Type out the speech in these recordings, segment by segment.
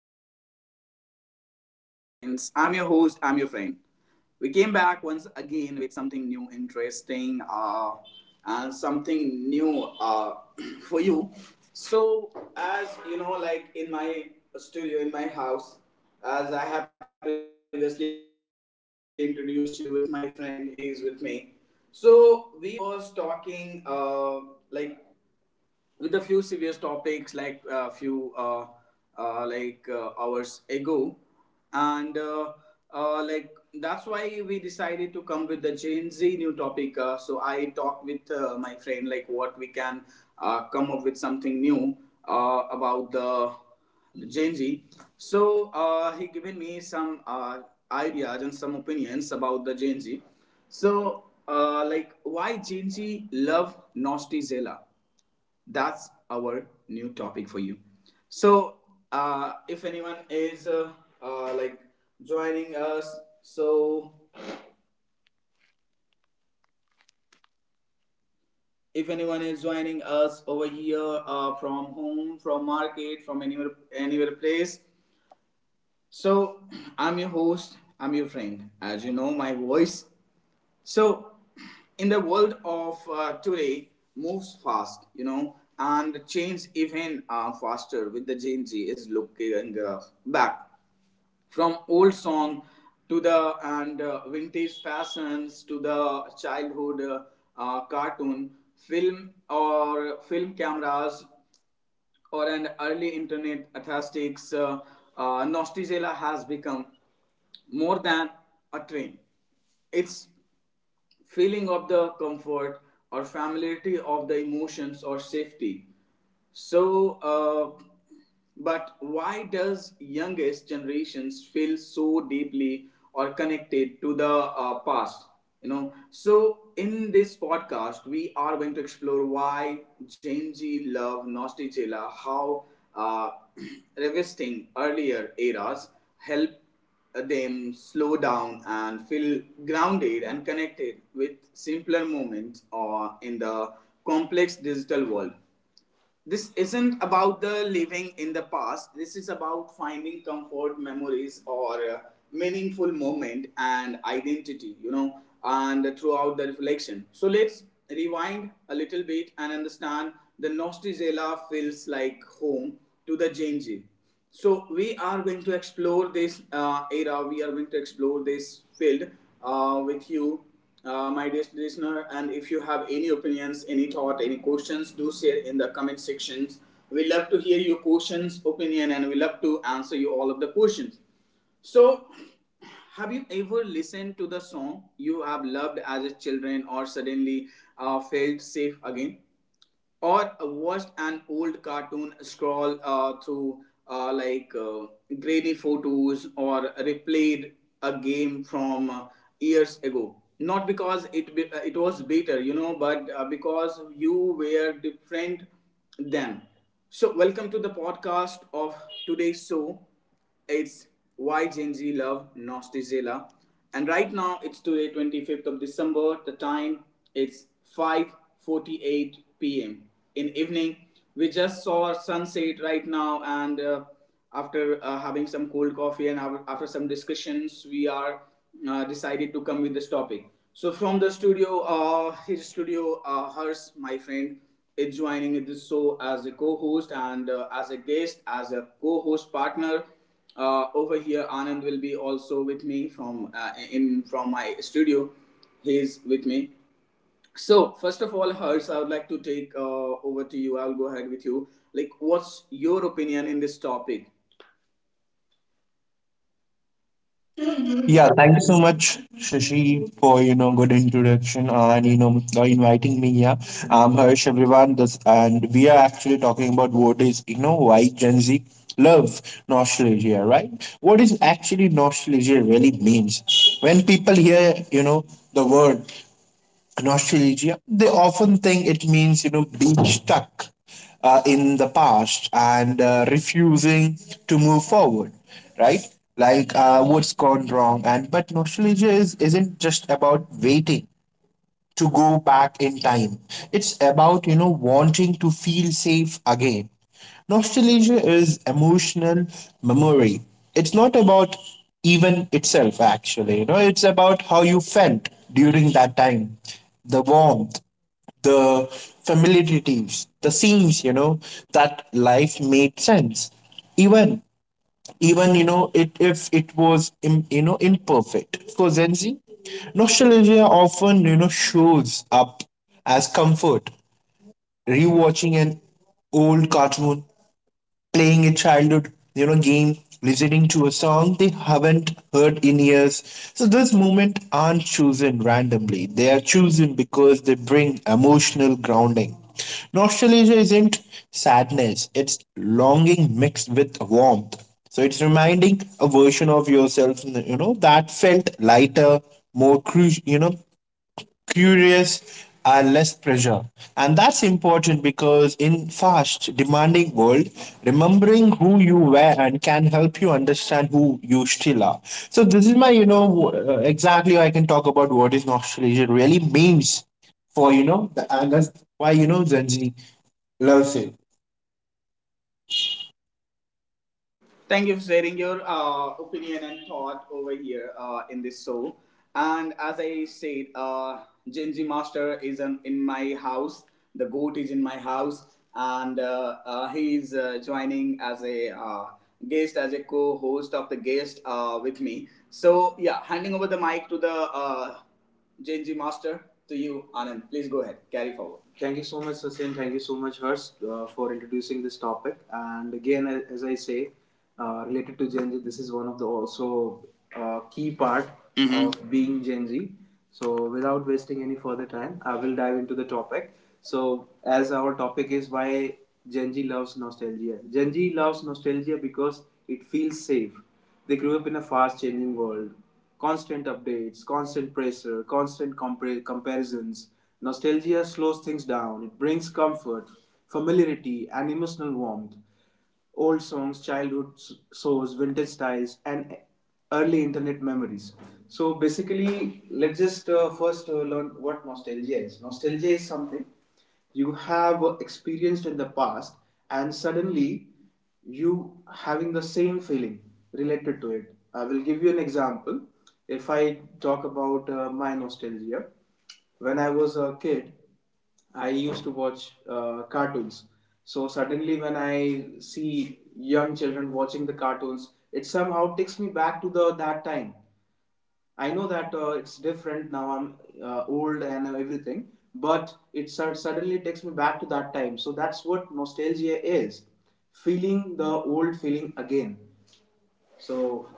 Hello, hi dear listener, hi dear friends. I'm your host, I'm your friend. We came back once again with something new, interesting, and something new for you. So, as you know, like in my studio, in my house, as I have previously introduced you with my friend, he is with me. So we was talking like with a few serious topics like a few like hours ago and like that's why we decided to come with the gen z new topic so I talked with my friend like what we can come up with something new about the Jainji. So he given me some ideas and some opinions about the Jainji. So like why Jainji love Nasty Zela? That's our new topic for you. So if anyone is like joining us, so if anyone is joining us over here from home, from market, from anywhere, anywhere place. So, I'm your host, I'm your friend, as you know my voice. So, in the world of today, moves fast, you know, and the change even faster with the Gen Z is looking back from old song to the and vintage fashions to the childhood cartoon film or film cameras or an early internet atheistics, Nostrizela has become more than a trend. It's feeling of the comfort or familiarity of the emotions or safety. So uh, but why does youngest generations feel so deeply or connected to the past, you know? So in this podcast we are going to explore why gen z love nostalgia, how uh, revisiting earlier eras help them slow down and feel grounded and connected with simpler moments or in the complex digital world. This isn't about the living in the past, this is about finding comfort memories or meaningful moment and identity, you know, and throughout the reflection. So let's rewind a little bit and understand the nostalgia feels like home to the Gen Z. So we are going to explore this era. We are going to explore this field with you, my dear listener. And if you have any opinions, any thought, any questions, do share in the comment sections. We love to hear your questions, opinion, and we love to answer you all of the questions. So, have you ever listened to the song you have loved as a children, or suddenly felt safe again? Or watched an old cartoon, scroll through uh, like uh, grainy photos, or replayed a game from years ago, not because it was better, you know, but because you were different than. So welcome to the podcast of today's show. It's Why Gen Z Love Nostizela. And right now it's today, 25th of December. The time it's 5:48 p.m. in evening. We just saw sunset right now, and after having some cold coffee and after some discussions, we are decided to come with this topic. So from the studio, his studio, hers, my friend is joining this show as a co-host and as a guest, as a co-host partner. Over here, Anand will be also with me from in from my studio. He's with me. So first of all, Hers, I would like to take over to you. I'll go ahead with you. Like, what's your opinion in this topic? Yeah, Thank you so much, Shashi, for good introduction and inviting me here. I'm Harsh, everyone. This and We are actually talking about what is you know why Gen Z love nostalgia, right? What is actually nostalgia really means? When people hear the word nostalgia, they often think it means, being stuck in the past and refusing to move forward, right? What's gone wrong, and but nostalgia is isn't just about waiting to go back in time. It's about, wanting to feel safe again. Nostalgia is emotional memory. It's not about even itself, actually. It's about how you felt during that time, the warmth, the familiarities, the scenes, that life made sense. Even even you know it if it was im, you know imperfect for Gen Z. Nostalgia often shows up as comfort. Rewatching an old cartoon, playing a childhood game, listening to a song they haven't heard in years. So those moments aren't chosen randomly, they are chosen because they bring emotional grounding. Nostalgia isn't sadness, it's longing mixed with warmth. So it's reminding a version of yourself, that felt lighter, more curious and less pressure. And that's important because in fast demanding world, remembering who you were and can help you understand who you still are. So this is my you know w- exactly I can talk about what is nostalgia really means for and that's why Gen Z loves it. Thank you for sharing your opinion and thought over here in this show. And as I said, Genji Master is in my house. The goat is in my house, and he is joining as a guest, as a co-host of the guest with me. So yeah, handing over the mic to the Genji Master, to you, Anand. Please go ahead. Carry forward. Thank you so much, Sasin. Thank you so much, Harsh, for introducing this topic. And again, as I say, related to Gen Z, this is one of the also key part. Mm-hmm. Of being Gen Z. So, without wasting any further time, I will dive into the topic. So, as our topic is why Gen Z loves nostalgia. Gen Z loves nostalgia because it feels safe. They grew up in a fast changing world. Constant updates, constant pressure, constant comparisons. Nostalgia slows things down. It brings comfort, familiarity, and emotional warmth. Old songs, shows, vintage styles, and early internet memories. So basically, let's just first learn what nostalgia is. Nostalgia is something you have experienced in the past, and suddenly you having the same feeling related to it. I will give you an example. If I talk about my nostalgia, when I was a kid, I used to watch cartoons. So suddenly, when I see young children watching the cartoons, it somehow takes me back to the that time. I know that it's different now. I'm old and everything, but suddenly takes me back to that time. So that's what nostalgia is: feeling the old feeling again. So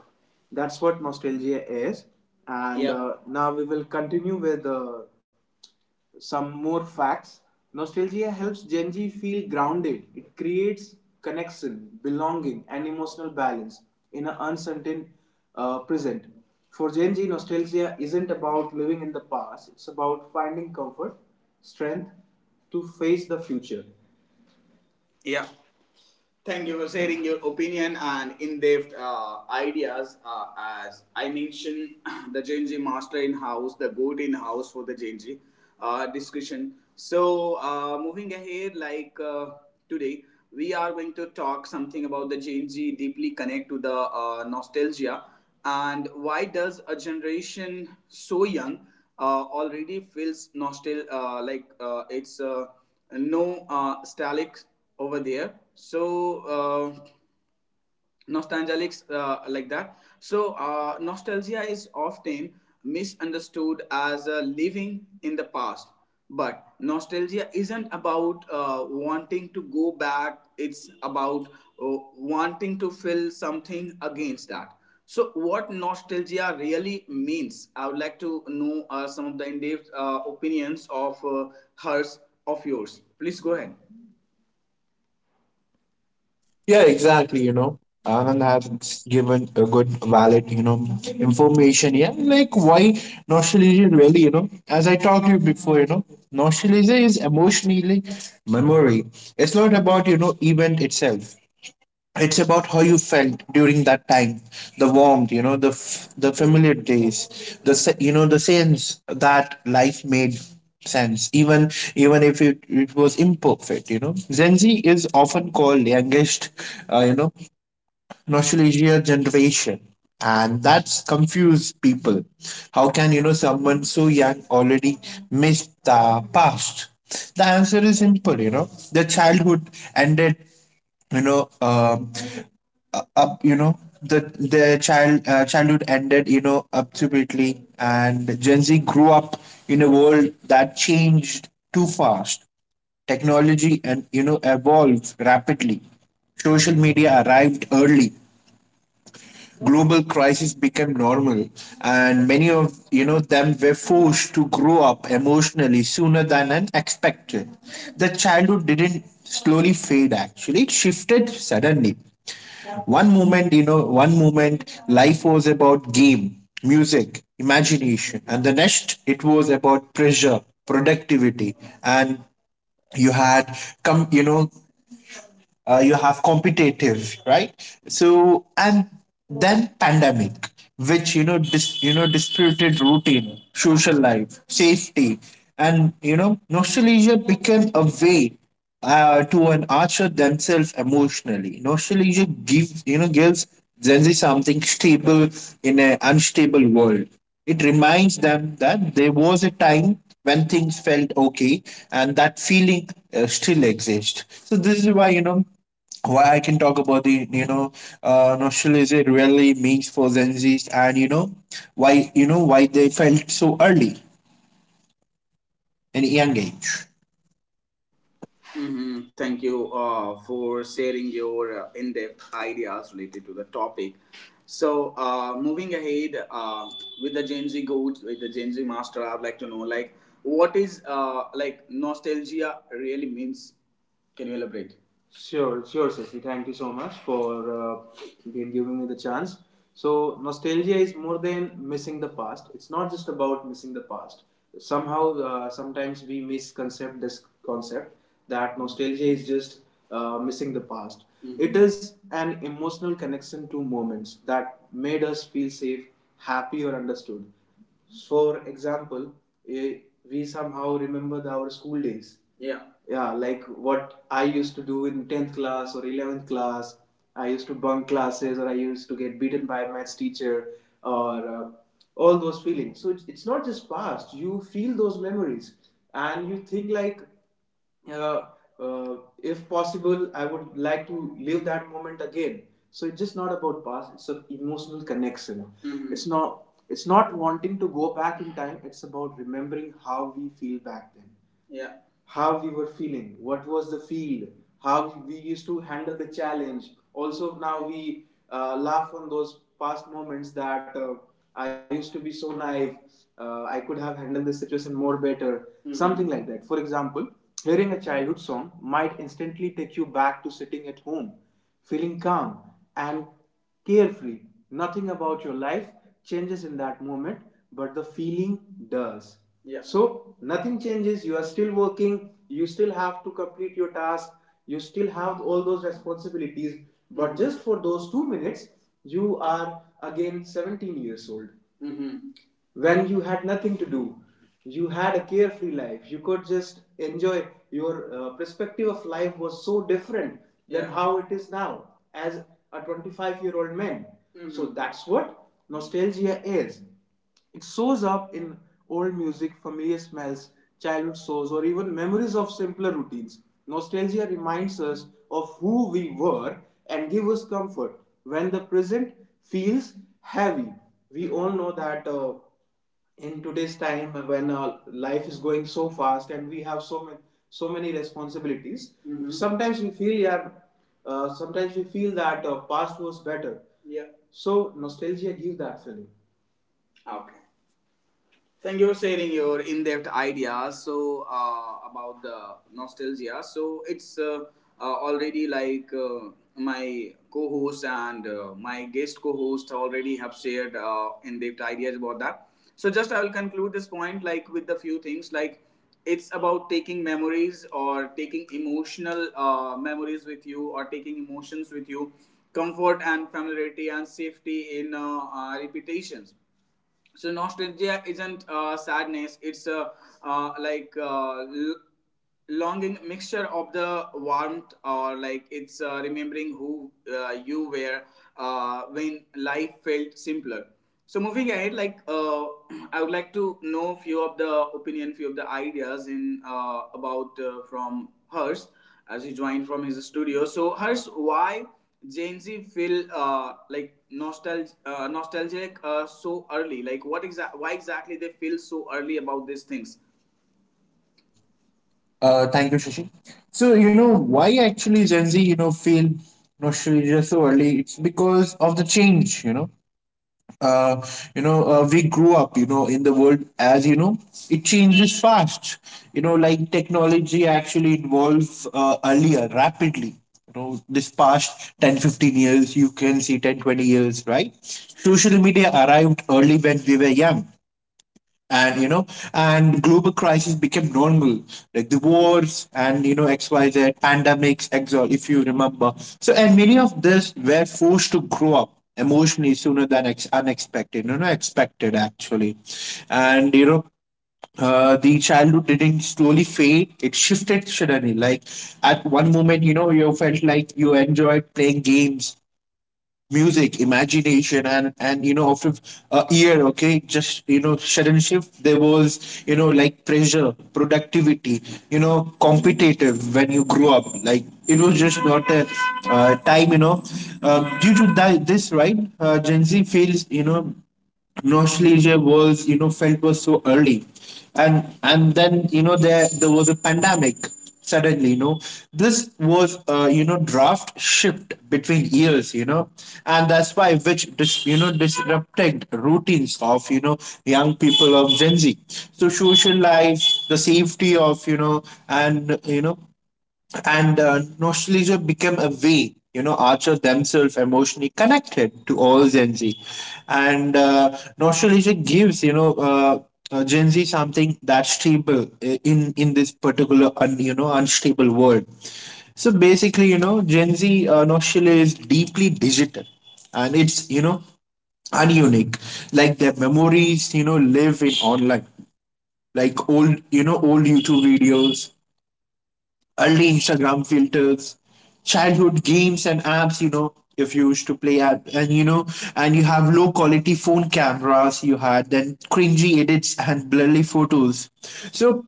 that's what nostalgia is. And Yep. Now we will continue with the some more facts. Nostalgia helps Gen Z feel grounded. It creates connection, belonging, and emotional balance in an uncertain present. For Gen Z, nostalgia isn't about living in the past, it's about finding comfort, strength to face the future. Yeah. Thank you for sharing your opinion and in-depth ideas. As I mentioned, the Gen Z master in-house, the goat in-house for the Gen Z, discussion. So moving ahead, like today, we are going to talk something about the Gen Z deeply connect to the nostalgia and why does a generation so young already feels nostal like it's no nostalgic over there. So uh, nostalgics like that. So nostalgia is often misunderstood as living in the past, but nostalgia isn't about wanting to go back. It's about wanting to feel something against that. So, what nostalgia really means? I would like to know some of the in-depth opinions of hers, of yours. Please go ahead. Yeah, exactly. Anand has given a good, valid, information. Yeah, like why nostalgia really, as I talked to you before, nostalgia is emotionally memory. It's not about, event itself, it's about how you felt during that time, the warmth, the familiar days, the se- you know the sense that life made sense. Even if it was imperfect. Gen Z is often called youngest uh, you know nostalgia generation, and that's confused people. How can someone so young already miss the past? The answer is simple, the childhood ended, you know up you know the their child childhood ended, abruptly, and Gen Z grew up in a world that changed too fast. Technology and evolved rapidly, social media arrived early, global crisis became normal, and many of them were forced to grow up emotionally sooner than an expected. The childhood didn't slowly fade, actually it shifted suddenly. One moment one moment life was about game, music, imagination, and the next it was about pressure, productivity, and you had come you know you have competitive, right? So, and then pandemic, which disputed routine, social life, safety, and nostalgia became a way to an archer themselves emotionally. Nostalgia gives you know gives Gen Z something stable in an unstable world. It reminds them that there was a time when things felt okay, and that feeling still exists. So, this is why, why I can talk about the nostalgia really means for Gen Zs, and why why they felt so early in a young age. Hmm. Thank you for sharing your in-depth ideas related to the topic. So, moving ahead with the Gen Z goods, with the Gen Z master, I'd like to know like what is like nostalgia really means. Can you elaborate? Sure, sure, Sasi. Thank you so much for again giving me the chance. So, nostalgia is more than missing the past. It's not just about missing the past. Somehow, sometimes we misconcept this concept that nostalgia is just missing the past. Mhm. It is an emotional connection to moments that made us feel safe, happy, or understood. For example, eh, we somehow remembered our school days. Yeah. Yeah, like what I used to do in 10th class or 11th class. I used to bunk classes or I used to get beaten by a maths teacher or all those feelings. So it's not just past. You feel those memories and you think like uh, uh, if possible, I would like to live that moment again. So it's just not about past; it's an emotional connection. Mhm. It's not wanting to go back in time. It's about remembering how we feel back then. Yeah. How we were feeling, what was the field, how we used to handle the challenge. Also, now we laugh on those past moments that I used to be so naive, I could have handled this situation more better, Mhm. something like that. For example, hearing a childhood song might instantly take you back to sitting at home, feeling calm and carefree. Nothing about your life changes in that moment, but the feeling does. Yeah. So nothing changes. You are still working. You still have to complete your task. You still have all those responsibilities. But just for those 2 minutes, you are again 17 years old. Mm-hmm. When you had nothing to do, you had a carefree life. You could just enjoy your perspective of life was so different than Yeah. how it is now as a 25-year-old man. Mm-hmm. So Mhm. that's what nostalgia is. It shows up in old music, familiar smells, childhood shows, or even memories of simpler routines. Nostalgia reminds us of who we were and gives us comfort when the present feels heavy. We all know that in today's time when life is going so fast and we have so many so many responsibilities. Mhm. Sometimes we feel yeah sometimes we feel that past was better. Yeah. So nostalgia gives that feeling. Okay. Thank you for sharing your in-depth ideas. So about the nostalgia. So it's already like my co-host and my guest co-host already have shared in-depth ideas about that. So just I will conclude this point like with the few things like it's about taking memories or taking emotional memories with you or taking emotions with you, comfort and familiarity and safety in repetitions. So nostalgia isn't sadness, it's a uh, like uh, l- longing mixture of the warmth, or like it's remembering who you were when life felt simpler. So moving ahead, I would like to know few of the opinion few of the ideas in about from hers, as he joined from his studio. So, Harsh, why Gen Z feel like nostalgic so early? Like, why exactly they feel so early about these things? Thank you, Shashi. So why actually Gen Z feel nostalgia so early? It's because of the change. Uh, we grew up, in the world as it changes fast. Like technology actually evolves earlier, rapidly. This past 10, 15 years, you can see 10, 20 years, right? Social media arrived early when we were young, and global crisis became normal, like the wars, and xyz pandemics exile if you remember. So and many of this were forced to grow up emotionally sooner than unexpected, expected actually. And the childhood didn't slowly fade, it shifted suddenly. Like at one moment you felt like you enjoyed playing games, music, imagination, and after a year, okay, just sudden shift, there was like pressure, productivity, competitive when you grew up. Like it was just not a time, due to that this right, Gen Z feels, nostalgia was felt was so early. And then there was a pandemic suddenly, this was draft shift between years, and that's why, which disrupted routines of young people of Gen Z. So social life, the safety of you know and nostalgia became a way, archer themselves emotionally connected to all Gen Z. And nostalgia gives Gen Z something that's stable in in this particular un, you know unstable world. So basically, Gen Z nostalgia is deeply digital, and it's ununique. Like their memories live in online, like old YouTube videos, early Instagram filters, childhood games and apps, if you used to play at, and you have low quality phone cameras you had, then cringy edits and blurry photos. So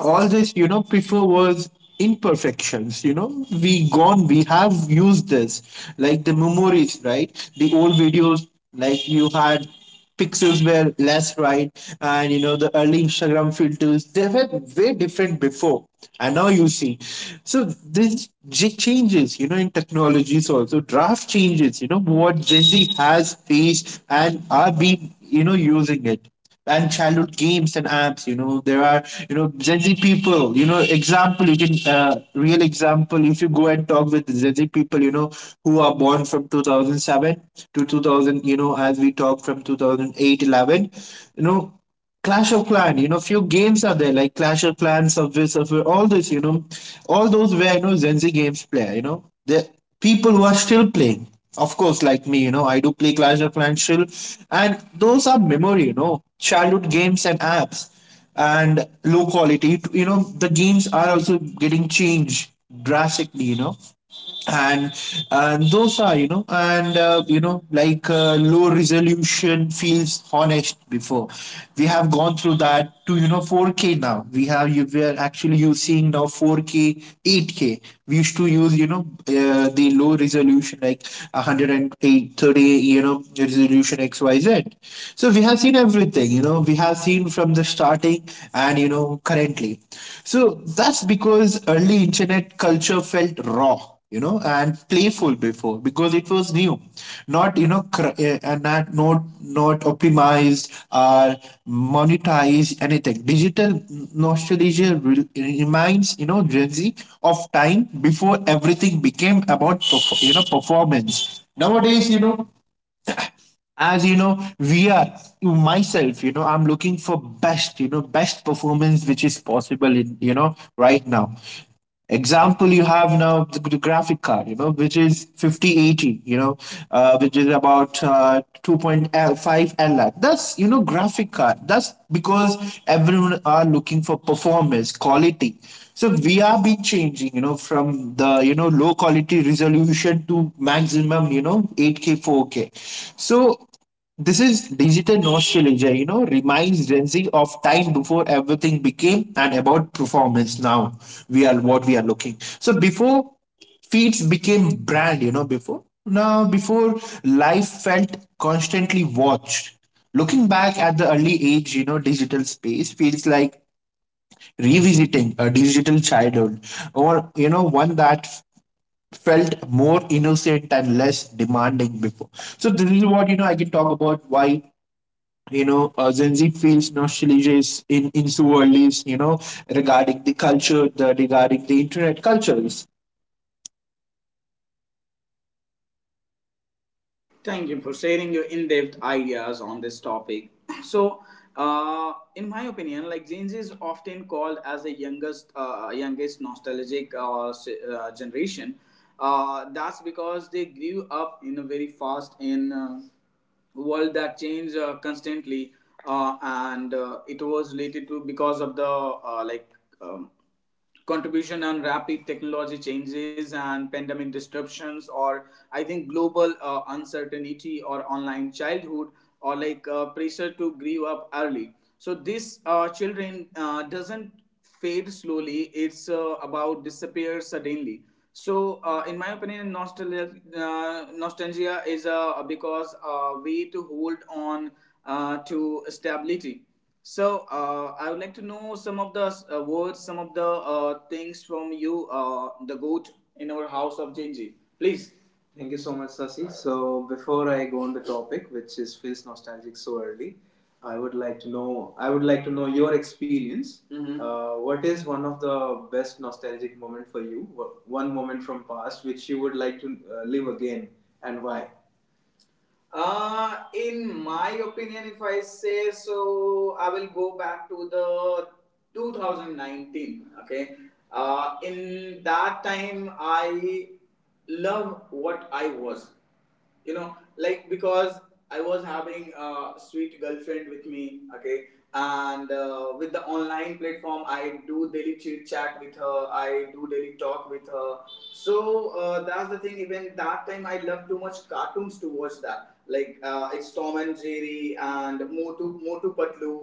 all this, before was imperfections, we gone, we have used this like the memories, right? The old videos, like you had pixels were less, right? And the early Instagram filters, they were way different before, and now you see. So this changes, in technologies, also draft changes, what Gen Z has faced and are being using it. And childhood games and apps, there are, Gen Z people, example, you can real example, if you go and talk with Gen Z people, who are born from 2007 to 2000, as we talk from 2008 11, you know Clash of Clan, few games are there, like Clash of Clans, Subway Surfer, all this, all those where, Gen Z games player, the people who are still playing. Of course, like me, I do play Clash of Clans still, and those are memory, childhood games and apps, and low quality. The games are also getting changed drastically, you know and and those are you know and you know like low resolution feels honest before. We have gone through that to, 4k. Now we have, you we are actually using now 4k, 8k. We used to use, the low resolution, like one hundred and eight thirty, resolution xyz. So we have seen everything, we have seen from the starting, and currently. So that's because early internet culture felt raw, and playful before, because it was new, not and not optimized or monetized anything digital. Nostalgia reminds, Gen Z of time before everything became about performance nowadays, as we are, myself, I'm looking for best, best performance which is possible in, right now. Example, you have now the graphic card, which is 5080, which is about 2.5 lag, that's, graphic card. That's because everyone are looking for performance quality. So we are being changing, from the, low quality resolution to maximum, 8k, 4k. So this is digital nostalgia, reminds Gen Z of time before everything became and about performance. Now we are what we are looking. So before feeds became brand, before now before life felt constantly watched. Looking back at the early age, digital space feels like revisiting a digital childhood, or one that felt more innocent and less demanding before. So this is what, I can talk about why, Gen Z feels nostalgia in into lives, regarding the culture, regarding the internet cultures. Thank you for sharing your in-depth ideas on this topic. So, in my opinion, like Gen Z is often called as the youngest, youngest nostalgic generation. That's because they grew up in a very fast and world that changed constantly, and it was related to because of the like um, contribution on rapid technology changes and pandemic disruptions, or I think global uncertainty or online childhood or like pressure to grow up early. So this children doesn't fade slowly, it's about disappear suddenly. So in my opinion, nostalgia is because a way to hold on to stability. So, I would like to know some of the words, some of the things from you, the goat in our house of Genji. Please. Thank you so much, Sasi. So, before I go on the topic, which is feels nostalgic so early, I would like to know. I would like to know your experience. Mhm. What is one of the best nostalgic moment for you? One moment from past which you would like to live again, and why? In my opinion, if I say so, I will go back to the 2019. Okay. In that time, I love what I was, you know, like, because I was having a sweet girlfriend with me, okay, and with the online platform I do daily chit chat with her, I do daily talk with her. So that's the thing. Even that time I love too much cartoons to watch that, like it's Tom and Jerry and Motu Motu Patlu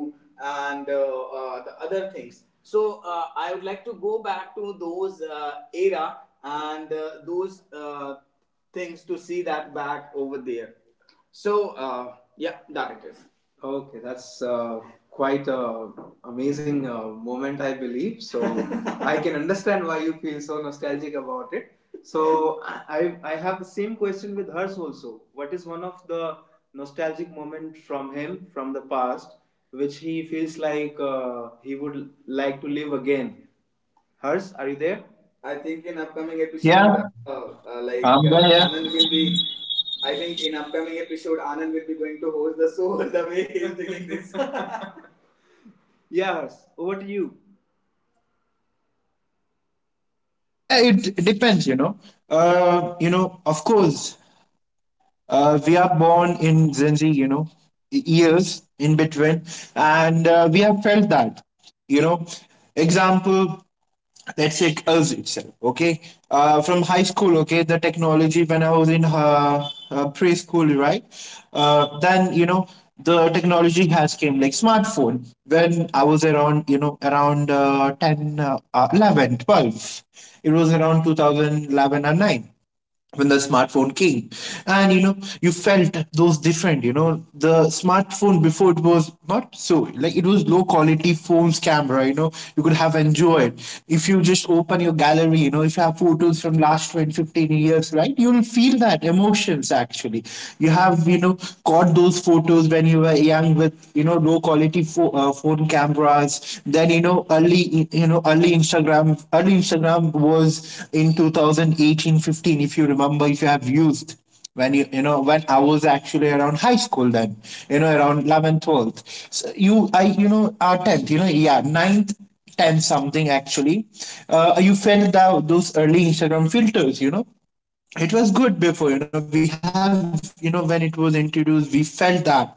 and the other things. So I would like to go back to those era, and those things, to see that back over there. So yeah, that it is. Okay, that's quite a amazing moment, I believe. So I can understand why you feel so nostalgic about it. So I have the same question with hers also. What is one of the nostalgic moment from him from the past which he feels like he would like to live again? Hers, are you there? I think in upcoming Yeah, episode, uh, um, yeah, yeah. Anand will be. I think in upcoming episode, Anand will be going to host the show the way he is doing this. Yeah, Hers, over to you. Yeah, it depends, of course, we are born in Gen Z, years in between, and we have felt that, you know. Example, let's take us itself, okay? From high school, okay, the technology when I was in preschool, right? Then the technology has came like smartphone when I was around, around 10, 11, 12. It was around 2011 or 9 when the smartphone came, and you felt those different. The smartphone before, it was not so like, it was low quality phones camera. You could have enjoyed if you just open your gallery. If you have photos from last 20 15 years, right, you'll feel that emotions actually. You have caught those photos when you were young with low quality phone cameras. Then early Instagram was in 2018 15. If you remember, if you have used, when when I was actually around high school, then around 11th, 12th. So you I you know our 10th, yeah, ninth, tenth, something actually. You felt the, those early Instagram filters. It was good before. You know we have you know When it was introduced, we felt that.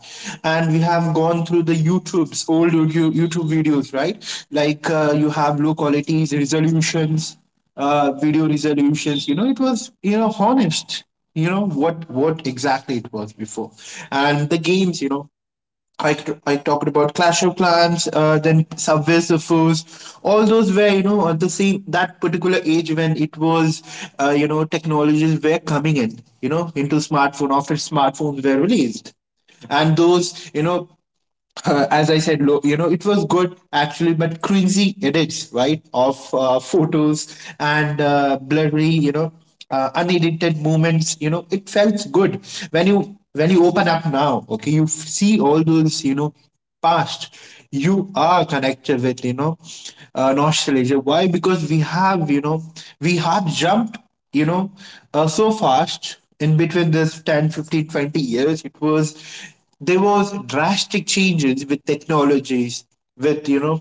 And we have gone through the youtube's old YouTube youtube videos, right, like you have low qualities resolutions, video resolutions. It was, honest, what exactly it was before. And the games, I, I talked about Clash of Clans, then Subway Surfers. All those were, at the same that particular age, when it was, technologies were coming in, into smartphone after smartphones were released. And those, as I said, it was good actually, but cringy edits, right, of photos and blurry, unedited moments. It felt good when you open up now. Okay, see all those, past. You are connected with, nostalgia. Why? Because we have jumped, you know so fast in between this 10, 15, 20 years. It was, there was drastic changes with technologies, with,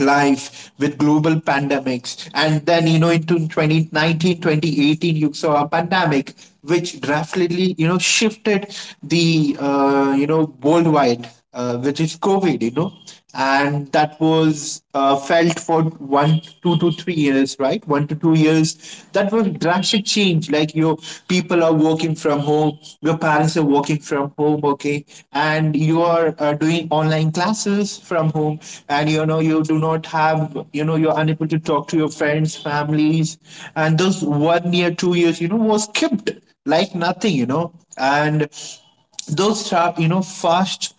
life, with global pandemics, and then, into 2019, you saw a pandemic which drastically, shifted the, worldwide, which is covid. And that was, felt for 1 2 to 3 years, right, 1 to 2 years. That was drastic change, like your people are working from home, your parents are working from home, okay, and you are, doing online classes from home. And you do not have, you're unable to talk to your friends, families. And those 1 year, 2 years, was skipped like nothing, and those sharp, fast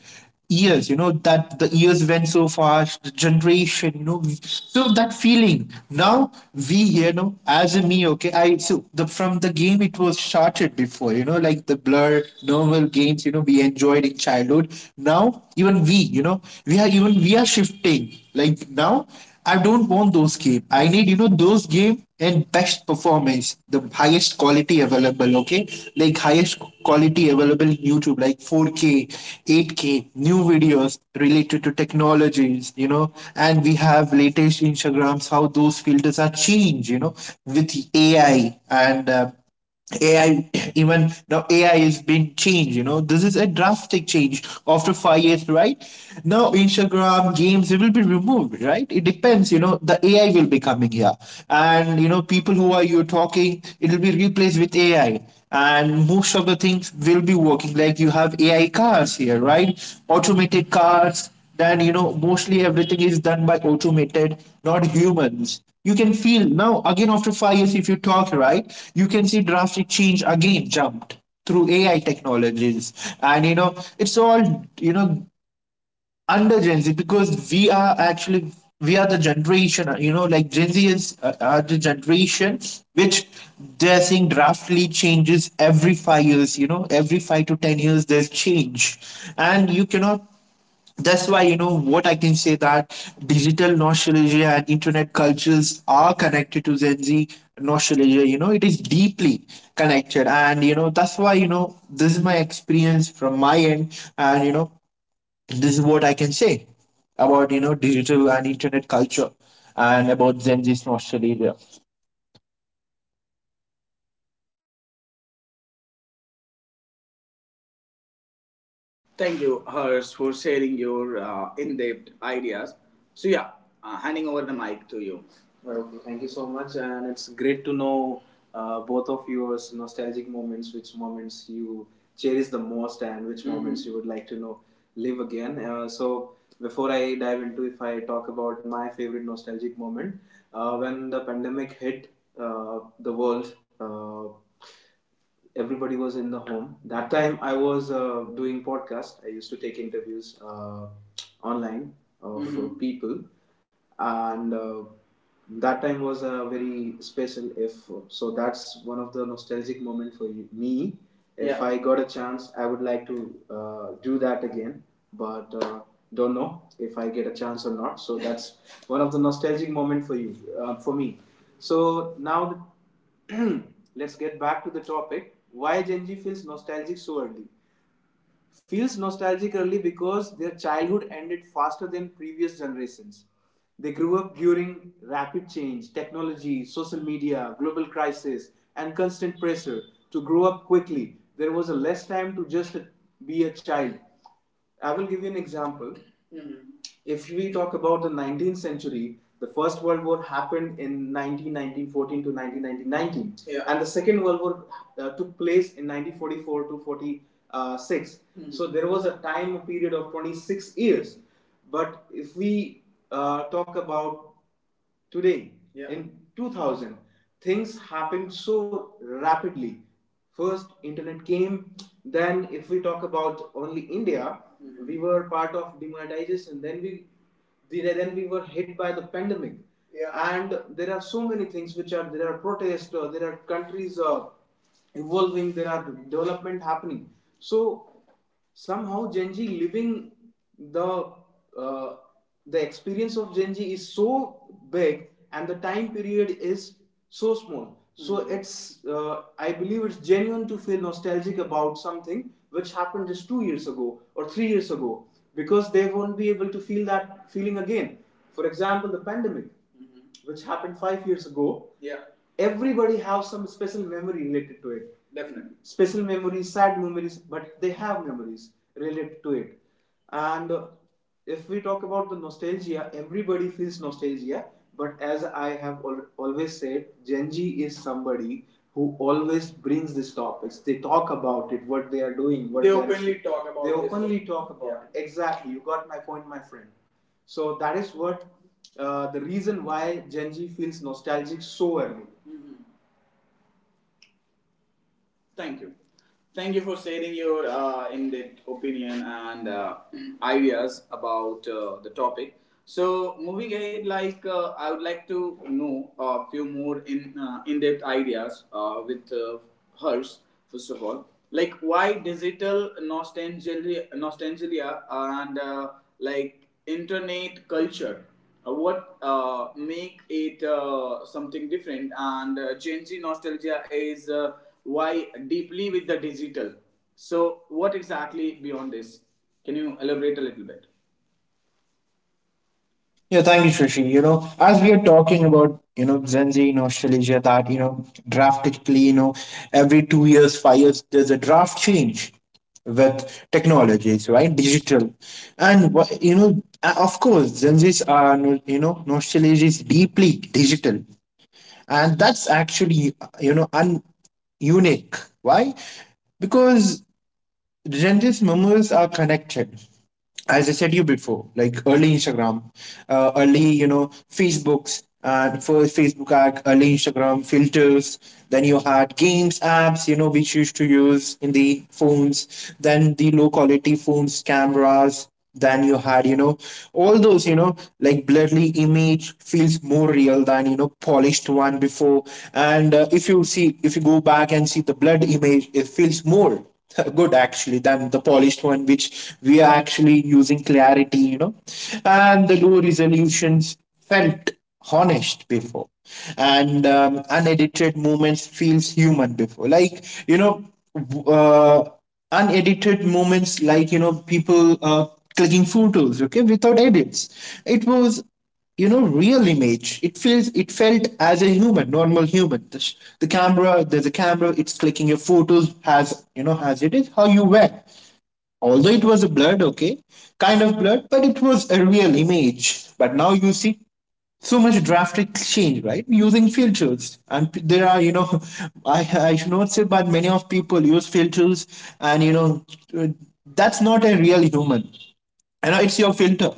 years, that the years went so fast, the generation, so that feeling now, we here know as a me, okay, I so the from the game, it was started before, like the blur normal games, we enjoyed in childhood. Now even we, you know we are even we are shifting. Like now, I don't want those game. I need, those game and best performance, the highest quality available. Okay, like highest quality available in YouTube, like 4K, 8K, new videos related to technologies. And we have latest Instagrams, how those filters are changed. With AI. And. AI, even now, AI is being changed. This is a drastic change after 5 years, right? Now, Instagram, games, it will be removed, right? It depends. The AI will be coming here, and people who are you talking, it will be replaced with AI, and most of the things will be working. Like you have AI cars here, right? Automated cars, that, mostly everything is done by automated, not humans. You can feel now, again after 5 years, if you talk, right, you can see drastic change again, jumped through AI technologies. And it's all, under Gen Z, because we are actually, we are the generation, like gen z is are the generation which they're seeing drastically changes every 5 years. Every 5 to 10 years, there's change, and you cannot. That's why, what I can say that, digital nostalgia and internet cultures are connected to Gen Z nostalgia. It is deeply connected, and that's why, this is my experience from my end, and this is what I can say about, digital and internet culture, and about Gen Z nostalgia. Thank you, Hers, for sharing your in depth ideas. So, yeah, handing over the mic to you. Well, okay, thank you so much, and it's great to know both of your nostalgic moments, which moments you cherish the most, and which, mhm, moments you would like to know live again. So, before I dive into, if I talk about my favorite nostalgic moment, when the pandemic hit uh, the world, everybody was in the home. That time, I was doing podcast. I used to take interviews online of mhm, people, and that time was a very special. If so, that's one of the nostalgic moment for you, me. If, yeah, I got a chance, I would like to do that again, but don't know if I get a chance or not. So that's one of the nostalgic moment for you, for me. So now the let's get back to the topic. Why Gen Z feels nostalgic so early? Feels nostalgic early because their childhood ended faster than previous generations. They grew up during rapid change, technology, social media, global crisis, and constant pressure to grow up quickly. There was a less time to just be a child. I will give you an example. If we talk about the 19th century, the First World War happened in 1914 to 1919. Yeah. And the Second World War took place in 1944 to 46. Mhm. So there was a time period of 26 years. But if we talk about today, yeah, in 2000 things happened so rapidly. First internet came, then if we talk about only India, mhm, we were part of demonetization, then we were hit by the pandemic. Yeah. And there are so many things which are, there are protests, there are countries evolving, there are development happening. So somehow Gen Z living the uh, the experience of Gen Z is so big and the time period is so small. So, hmm, it's uh, I believe it's genuine to feel nostalgic about something which happened just 2 years ago or 3 years ago, because they won't be able to feel that feeling again. For example, the pandemic, mm-hmm, mm-hmm, which happened 5 years ago, yeah, everybody has some special memory related to it. Definitely. Special memories, sad memories, but they have memories related to it. And if we talk about the nostalgia, everybody feels nostalgia. But as I have always said, Gen Z is somebody who always brings these topics. They talk about it, what they are doing, what they are openly are, talk about it. They this. Openly thing. Talk about, yeah, it. Exactly, you got my point, my friend. So that is what the reason why Gen Z feels nostalgic so early. Thank you. Thank you for sharing your in-depth opinion and ideas about the topic. So moving ahead, like I would like to know a few more in in-depth ideas with hers. First of all, like why digital nostalgia, and like internet culture, what make it something different, and Gen Z nostalgia is why deeply with the digital? So what exactly beyond this, can you elaborate a little bit? Yeah, thank you, Trishi. As we are talking about, Gen Z in Australasia, that, drastically, every 2 years, 5 years, there's a draft change with technologies, right? Digital. And, of course, Gen Zs are, Australasia is deeply digital. And that's actually, unique. Why? Because Gender's memoirs are connected. As I said you before, like early Instagram, early, Facebooks, and first Facebook ad, early Instagram filters. Then you had games apps, which used to use in the phones. Then the low quality phones, cameras, than you had, All those, like bloodly image feels more real than, polished one before. And if you see, if you go back and see the blood image, it feels more good actually than the polished one, which we are actually using clarity, And the low resolutions felt honest before, and unedited moments feels human before, like, uh, unedited moments, like people, clicking photos, okay, without edits. It was, real image. It felt as a human, normal human. The camera, there's a camera, it's clicking your photos has, has it is how you were. Although it was a blurred, okay, kind of blurred, but it was a real image. But now you see so much drastic change, right? Using filters, and there are, I should not say, but many of people use filters, and uh, that's not a real human. It's your filter.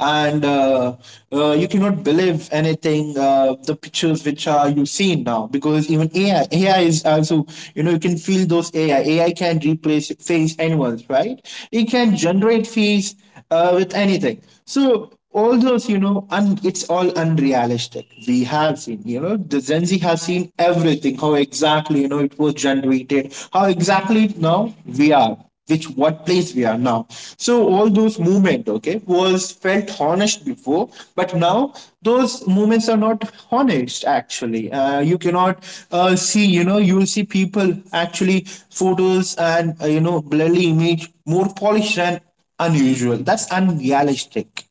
And you cannot believe anything, the pictures which are you seen now, because even AI is also, you can feel those. AI can replace face, anyone's, right? It can generate face, with anything. So all those, it's all unrealistic. We have seen, the Gen Z has seen everything, how exactly, it was generated, how exactly now we are, which what place we are now. So all those movement, okay, was felt honest before. But now, those movements are not honest actually. You cannot, see, you'll see people actually photos, and, blurry image, more polished and unusual, that's unrealistic.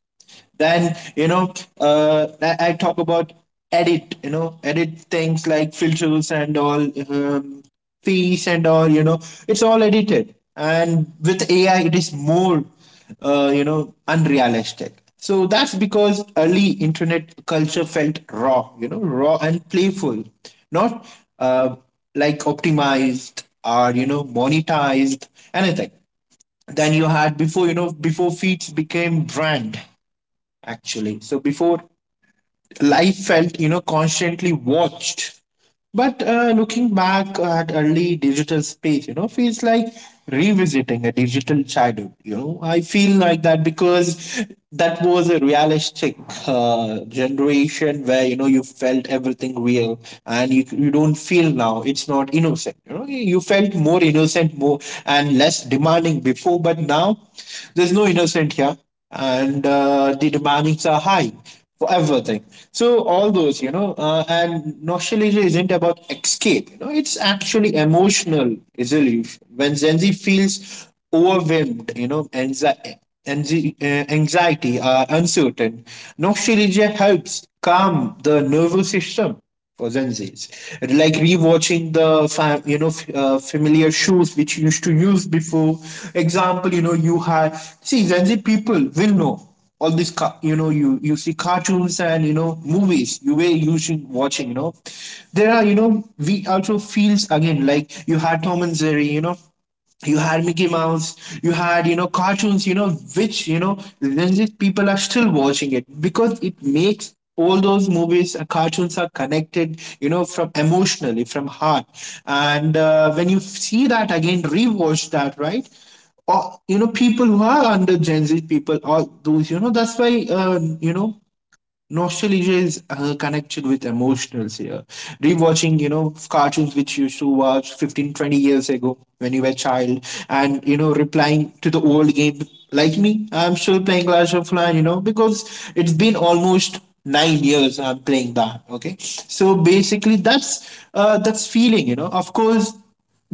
Then, I talk about edit, edit things like filters and all, um, fees and all, it's all edited. And with AI, it is more, unrealistic. So that's because early internet culture felt raw, raw and playful, not uh, like optimized or, monetized, anything. Then you had before, before feeds became brand actually. So before, life felt, constantly watched. But looking back at early digital space, feels like revisiting a digital childhood. I feel like that because that was a realistic generation, where you felt everything real. And you don't feel now, it's not innocent. You felt more innocent, more, and less demanding before. But now there's no innocent here, and the demandings are high for everything. So all those, and nostalgia isn't about escape. It's actually emotional resolution. When Gen Z feels overwhelmed, anxiety, or uncertain, nostalgia helps calm the nervous system for Gen Zs. And like rewatching the familiar shows which you used to use before. Example, you had, see Gen Z people will know all these you see cartoons and movies you were using watching. There are, we also feels again. Like, you had Tom and Jerry, you had Mickey Mouse, you had, cartoons, which, Ranjit people are still watching it, because it makes all those movies and cartoons are connected, from emotionally, from heart. And when you see that again, rewatch that, right? Or, people who are under Gen Z people, or those, that's why, nostalgia is connected with emotionals here, rewatching cartoons which you used to watch 15-20 years ago when you were a child, and replying to the old game. Like me, I'm still playing Clash of Clans, because it's been almost 9 years I'm playing that. Okay, so basically that's feeling. Of course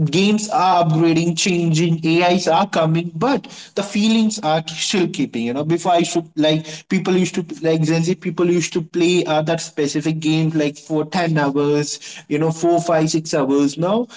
games are upgrading, changing, ais are coming, but the feelings are still keeping. Before I used to like people used to like, gen z people used to play that specific game like for 10 hours, 4, 5, 6 hours. Now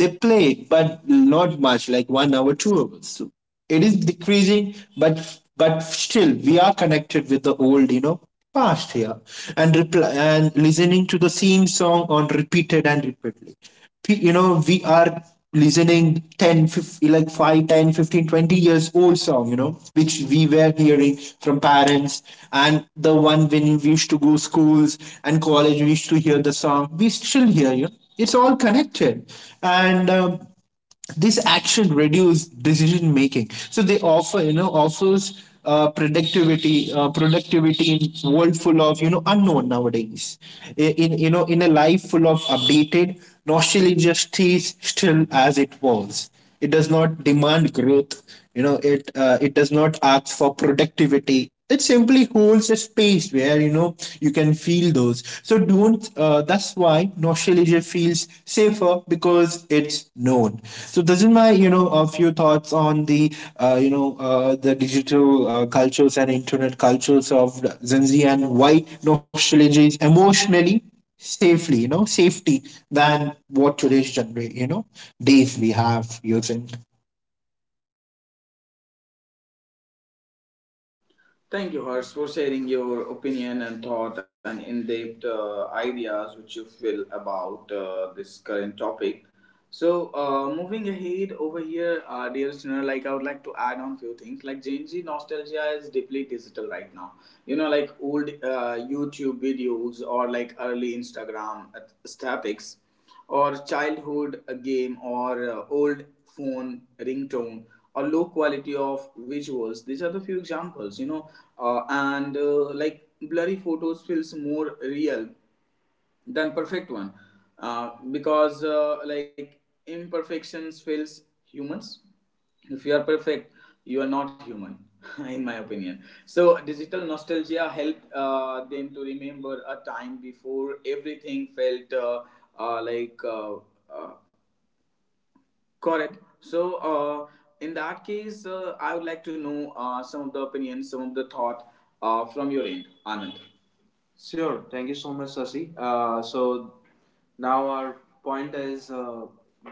they play it but not much, like 1 hour 2 hours, so it is decreasing, but still we are connected with the old, past here, and reply and listening to the same song on repeated and repeatedly. We are listening 10 50, like 5, 10, 15, 20 years old song, which we were hearing from parents, and the one when we used to go schools and college, we used to hear the song. We still hear, you know? It's all connected. And this action reduces decision making, so they offer, offers productivity in world full of, unknown nowadays. I- in you know in a life full of updated, nostalgia stays still as it was. It does not demand growth. It does not ask for productivity. It simply holds a space where, you can feel those. So don't that's why nostalgia feels safer because it's known. So this is my, a few thoughts on the the digital cultures and internet cultures of Gen Z, and why nostalgia is emotionally safely, safety than what today's generation, days we have using. Thank you, Harsh, for sharing your opinion and thought and in-depth ideas which you feel about this current topic. So, moving ahead over here, dear listener, like I would like to add on few things. Like Gen Z nostalgia is deeply digital right now. You know, like old YouTube videos or like early Instagram aesthetics or childhood game or old phone ringtone or low quality of visuals, these are the few examples, you know. And Like blurry photos feels more real then perfect one, because like imperfections fails humans. If you are perfect, you are not human, in my opinion. So digital nostalgia helped them to remember a time before everything felt uh, like uh, uh, correct. So in that case, I would like to know some of the opinions, some of the thought from your end, Anand. Sure. Thank you so much, Sasi. So now our point is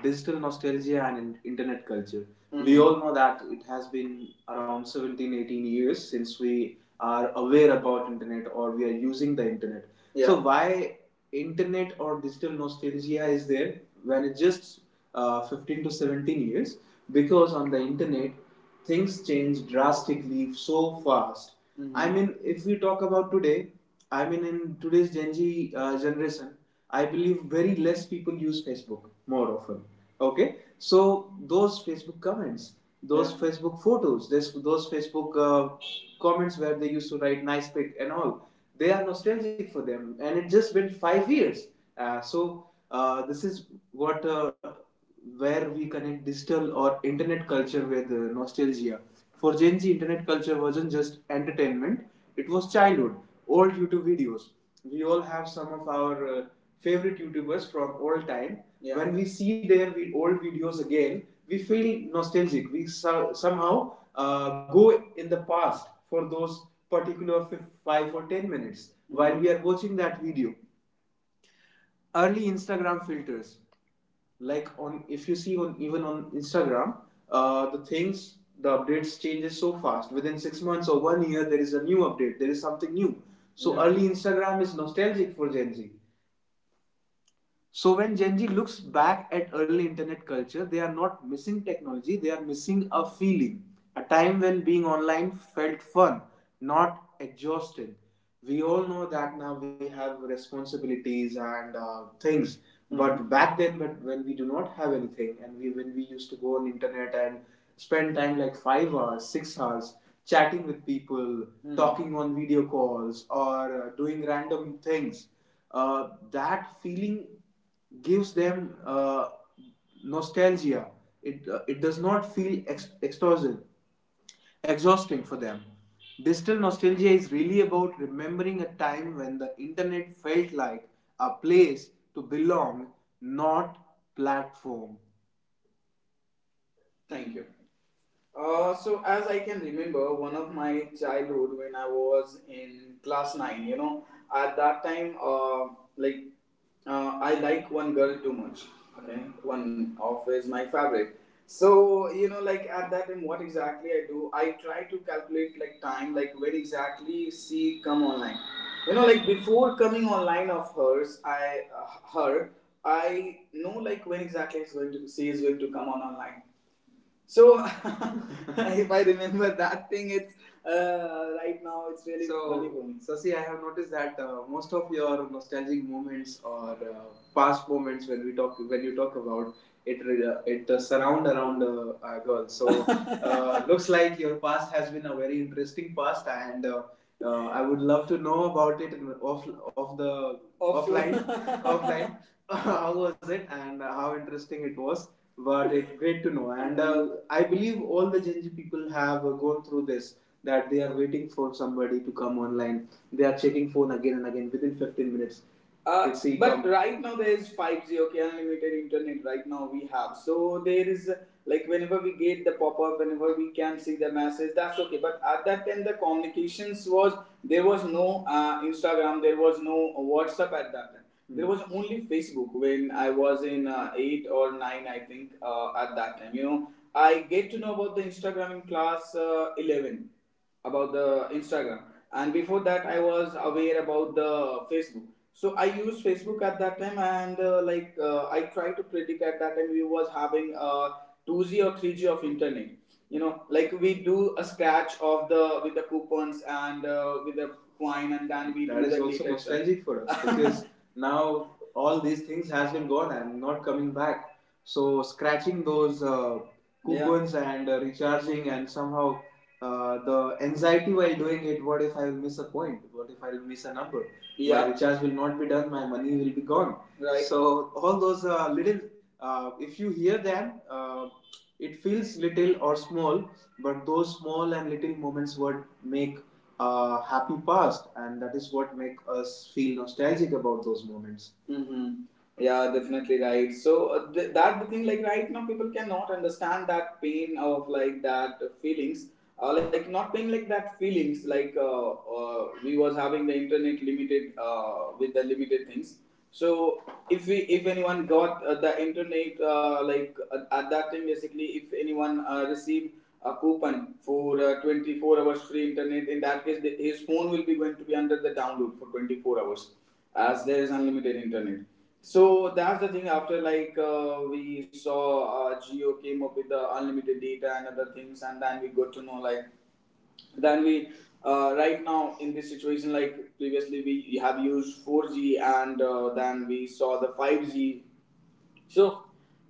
digital nostalgia and internet culture. We, mhm, all know that it has been around 17, 18 years since we are aware about internet or we are using the internet. Yeah. So, yeah, why internet or digital nostalgia is there when it's just 15 to 17 years? Because on the internet, things change drastically so fast. Mhm. I Mhm. mean, if we talk about today, I mean, in today's Gen Z generation, I believe very less people use Facebook more often. Okay, so those Facebook comments, those, yeah, Facebook photos, this, those Facebook comments where they used to write nice pic and all, they are nostalgic for them. And it just been 5 years. So this is what where we connect digital or internet culture with nostalgia. For Gen Z, internet culture wasn't just entertainment; it was childhood, old YouTube videos, we all have some of our favorite YouTubers from old time. Yeah. When we see their old videos again, we feel nostalgic. We somehow go in the past for those particular 5 or 10 minutes while we are watching that video. Early Instagram filters, like on if you see on even on Instagram, the things the updates changes so fast. Within 6 months or one year, there is a new update. There is something new. Early Instagram is nostalgic for Gen Z. So when Gen Z looks back at early internet culture, they are not missing technology, they are missing a feeling. A time when being online felt fun, not exhausting. We all know that now we have responsibilities and things. But back then, but when we do not have anything, and we when we used to go on internet and spend time like 5 hours, 6 hours, chatting with people, Mm. Talking on video calls, or doing random things, uh, that feeling gives them nostalgia. It does not feel exhausting, for them. Digital nostalgia is really about remembering a time when the internet felt like a place to belong, not platform. Thank you. So as I can remember, one of my childhood when I was in class nine, you know, at that time, like I like one girl too much. Okay, one of is my favorite. So you know, like at that time, what exactly I do? I try to calculate like time, like when exactly she come online. You know, like before coming online of hers, her, I know like when exactly is going to she is going to come on online so if I remember that thing, it's right now it's really so funny for me. So see, I have noticed that most of your nostalgic moments or past moments when we talk when you talk about it, surround around girls. So looks like your past has been a very interesting past, and I would love to know about it off the offline. Offline how was it and how interesting it was. But it's great to know, and I believe all the Gen Z people have gone through this, that they are waiting for somebody to come online. They are checking phone again and again within 15 minutes. It's e but e-com- Right now there is 5G, okay, unlimited internet. Right now we have, so there is like whenever we get the pop up, whenever we can see the message, that's okay. But at that time, there was no Instagram, there was no WhatsApp at that time. There was only Facebook when I was in eight or nine, I think, at that time. You know, I get to know about the Instagram in class 11, about the Instagram. And before that, I was aware about the Facebook. So I used Facebook at that time, and I tried to predict at that time we was having 2G or 3G of internet. You know, like we do a scratch of the with the coupons and with the coin, and then we That do is the also data. Nostalgic for us because now all these things has been gone and not coming back. So scratching those Yeah. coupons, yeah, and recharging and somehow the anxiety while doing it. What if I will miss a point? What if I will miss a number? Yeah. My recharge will not be done. My money will be gone. Right. So all those little, if you hear them, it feels little or small, but those small and little moments would make a happy past, and that is what make us feel nostalgic about those moments. Mm-hmm. Yeah, definitely right. So that the thing, like right now people cannot understand that pain of like that feelings. Like not pain, like that feelings, like we was having the internet limited with the limited things, so if anyone got the internet like at that time, basically if anyone received a coupon for 24 hours free internet, in that case his phone will be going to be under the download for 24 hours, as there is unlimited internet. So that's the thing. After like we saw Geo came up with the unlimited data and other things, and then we got to know like then we right now in this situation, like previously we have used 4G and then we saw the 5G. So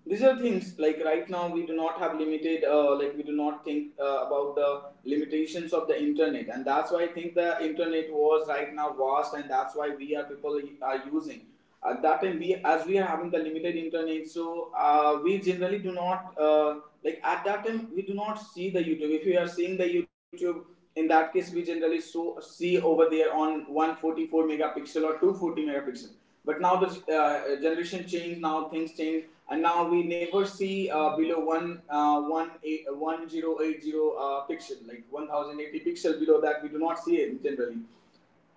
these are things, like right now we do not have limited like we do not think about the limitations of the internet, and that's why I think the internet was right now vast, and that's why we are people are using. At that time, we as we are having the limited internet, so we generally do not like at that time we do not see the youtube. If we are seeing the youtube, in that case we generally see over there on 144 megapixel or 240 megapixel. But now the generation changed. Now things change, and now we never see below one 18, 1080 pixel, like 1080 pixel. Below that, we do not see it generally.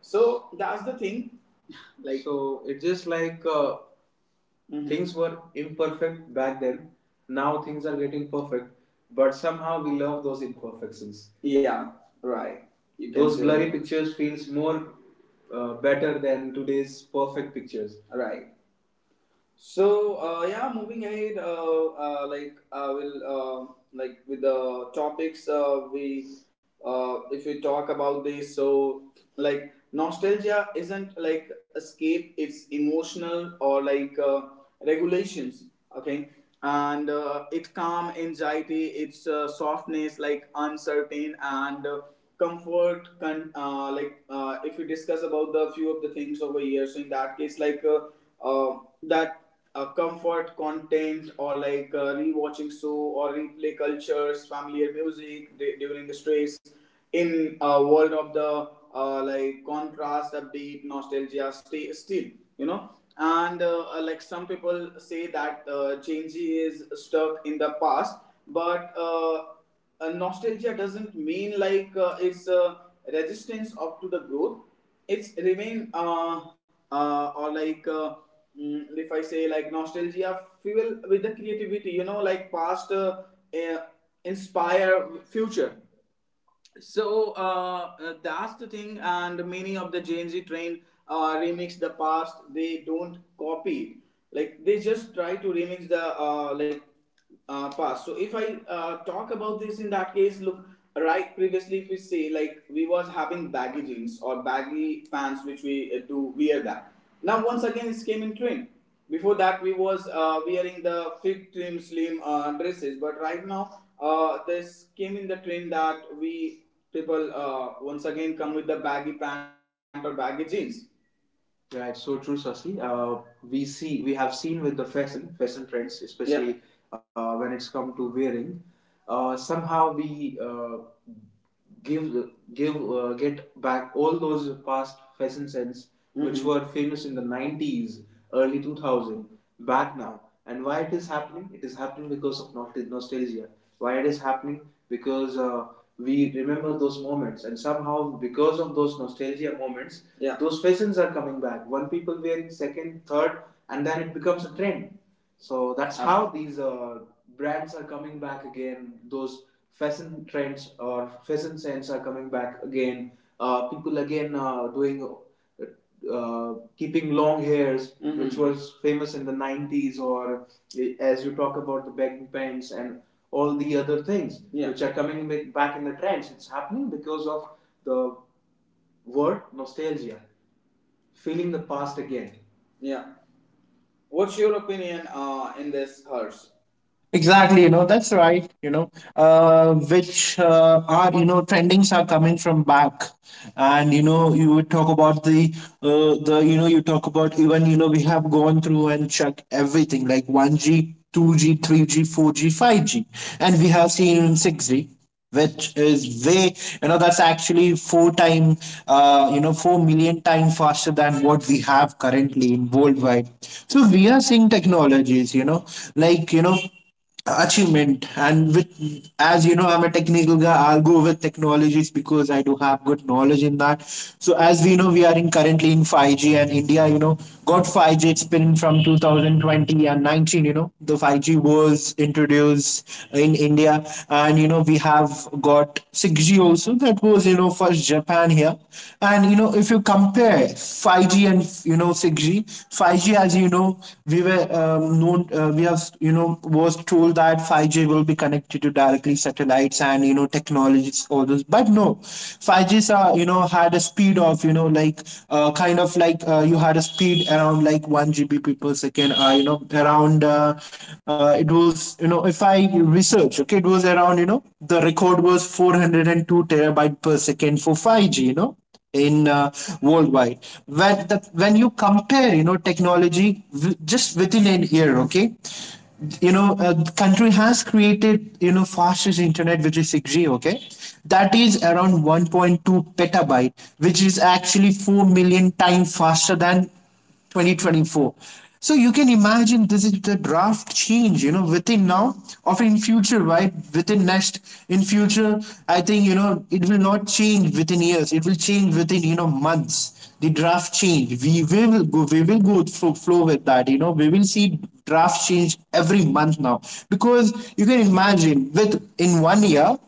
So that's the thing. Like so it's just like Mhm. Things were imperfect back then. Now things are getting perfect, but somehow we love those imperfections. Yeah, right. You Those say- blurry that. Pictures feels more better than today's perfect pictures. Right. So yeah, moving ahead, like I will like with the topics we if we talk about this, so like nostalgia isn't like escape; it's emotional or like regulations. Okay, and its calm anxiety, its softness like uncertain and comfort like if we discuss about the few of the things over here, so in that case like uh, that comfort content, or like rewatching show or replay cultures, familiar music during the stress, in a world of the like contrast, upbeat, nostalgia, stay still, you know. And like some people say that Gen Z is stuck in the past, but nostalgia doesn't mean like it's a resistance up to the growth. It's remain uh, or like uh, if I say like nostalgia fuel with the creativity, you know, like past uh, inspire future, so that's the thing, and many of the Gen Z trained remix the past. They don't copy it. Like they just try to remix the past. So if I talk about this, in that case, look, right, previously if we say like we was having baggy jeans or baggy pants which we do wear that. Now once again it came in trend. Before that we was wearing the fit trim slim dresses, but right now this came in the trend, that we people once again come with the baggy pant or baggy jeans. Right, so true, Sasi. We have seen with the fashion trends, especially, yeah, when it's come to wearing. Somehow we give get back all those past fashion sense, mm-hmm, which Mhm. were famous in the 90s, early 2000, back now. And why it is happening? It is happening because of nostalgia. Why it is happening? Because we remember those moments, and somehow because of those nostalgia moments, yeah, those fashions are coming back. One people wearing, second, third, and then it becomes a trend. So that's how these brands are coming back again. Those fashion trends or fashion sense are coming back again. People again doing keeping long hairs, Mhm. which was famous in the 90s, or as you talk about the baggy pants and all the other things, yeah, which are coming back in the trends. It's happening because of the word nostalgia, feeling the past again. Yeah. What's your opinion in this, harsh? Exactly, that's right, which are, trendings are coming from back. And, you would talk about the, you talk about even, we have gone through and check everything like 1G, 2G, 3G, 4G, 5G. And we have seen 6G, which is way, that's actually four time, 4 million times faster than what we have currently in worldwide. So we are seeing technologies, like, you know, achievement. And with, as you know, I'm a technical guy, I'll go with technologies because I do have good knowledge in that. So as we know, we are in currently in 5G, and India, got 5G it from 2020 and 19. The 5G was introduced in India, and we have got 6G also. That was, first Japan here. And, if you compare 5G and, 6G, 5G 5G, as you know, we were known, we have, was told that 5G will be connected to directly satellites and, technologies, all those. But no, 5Gs are, had a speed of, you had a speed around like 1 G B per second, around, it was, if I research, okay, it was around, the record was 402 terabyte per second for 5G, in worldwide. When you compare, technology, just within an year. Okay, the country has created, fastest internet which is 6G. Okay, that is around 1.2 petabyte, which is actually 4 million times faster than 2024. So you can imagine, this is the draft change, within now or in future, right? Within next, in future, I think, it will not change within years. It will change within, months. The draft change. We will go, we will go through flow with that, we will see draft change every month now, because you can imagine with in 1 year,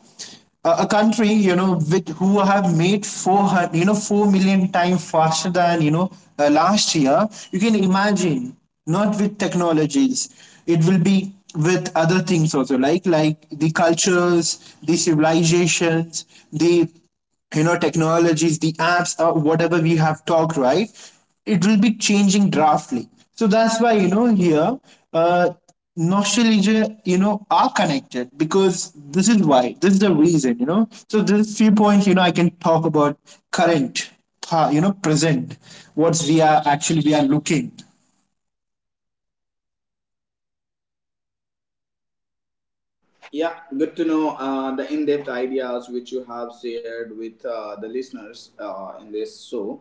a country, with who have made 400, 4 million times faster than, last year. You can imagine, not with technologies. It will be with other things also, like the cultures, the civilizations, the technologies, the apps, whatever we have talked, right? It will be changing drastically. So that's why, here, uh, nostalgia, are connected because this is why. This is the reason, so there's few points, I can talk about current, present, what we are actually, we are looking. Yeah, good to know the in depth ideas which you have shared with the listeners in this show.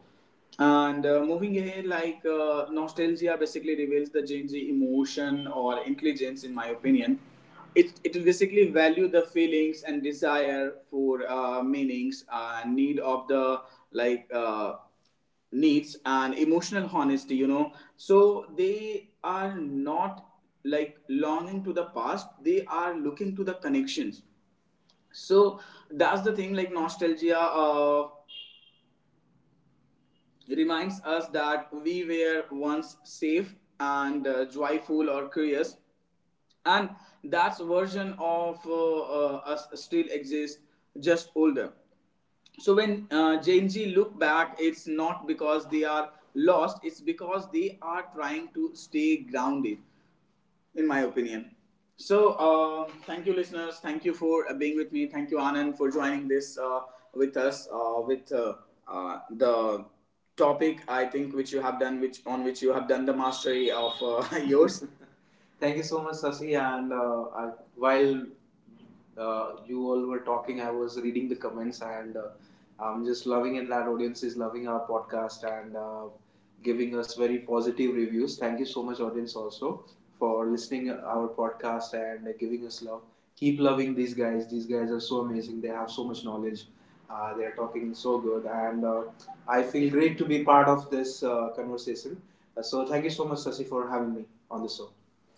And moving ahead, like nostalgia basically reveals the Gen Z emotion or intelligence, in my opinion. It will basically value the feelings and desire for meanings and need of the like uh, needs and emotional honesty, you know. So they are not like longing to the past, they are looking to the connections. So that's the thing, like nostalgia reminds us that we were once safe and joyful or curious, and that version of us still exists, just older. So when Genji look back, it's not because they are lost, it's because they are trying to stay grounded, in my opinion. So, thank you, listeners. Thank you for being with me. Thank you, Anand, for joining this with us with the topic, I think, which on which you have done the mastery of yours. Thank you so much, Sasi. And I, while you all were talking, I was reading the comments, and I'm just loving it that audience is loving our podcast and giving us very positive reviews. Thank you so much, audience, also for listening our podcast and giving us love. Keep loving these guys. These guys are so amazing. They have so much knowledge. They are talking so good, and I feel great to be part of this conversation. So thank you so much, Sasi, for having me on the show.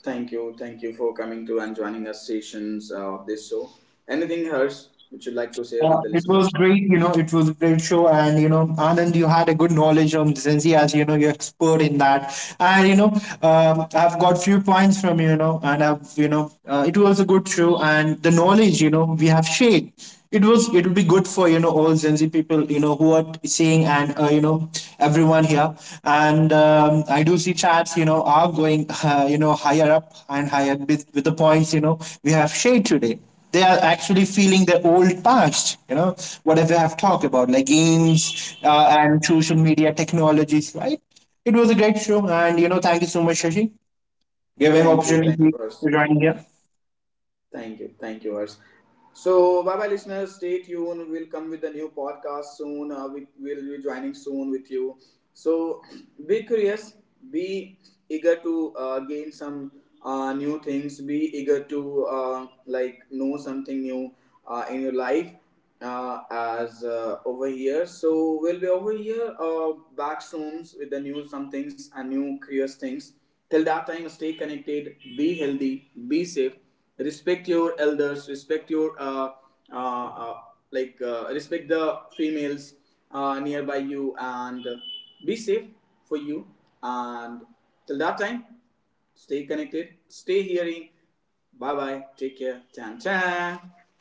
Thank you. Thank you for coming to and joining us sessions of this show. Anything, Harsh, which you'd like to share with the It was listeners? great, it was a great show. And, Anand, you had a good knowledge on Gen Z, as, you're expert in that. And, I've got few points from, and I've, it was a good show. And the knowledge, we have shared, it would be good for, all Gen Z people, who are seeing, and, everyone here. And I do see chats, are going, higher up and higher with the points, we have shared today. They are actually feeling their old past, whatever I've talked about, like games, and social media technologies, right? It was a great show, and, thank you so much, Shashi, giving Thank you. Thank you, opportunity Harsh. to join here. Thank you. Thank you, Harsh. So, bye bye, listeners. Stay tuned. We'll come with a new podcast soon. We will be joining soon with you. So, be curious, be eager to gain some new things, be eager to like know something new in your life. As Over here. So we'll be over here back soon with the new some things and new curious things. Till that time, stay connected, be healthy, be safe, respect your elders, respect your uh, uh, respect the females nearby you, and be safe for you. And till that time, stay connected, stay hearing. Bye bye. Take care. Chan chan.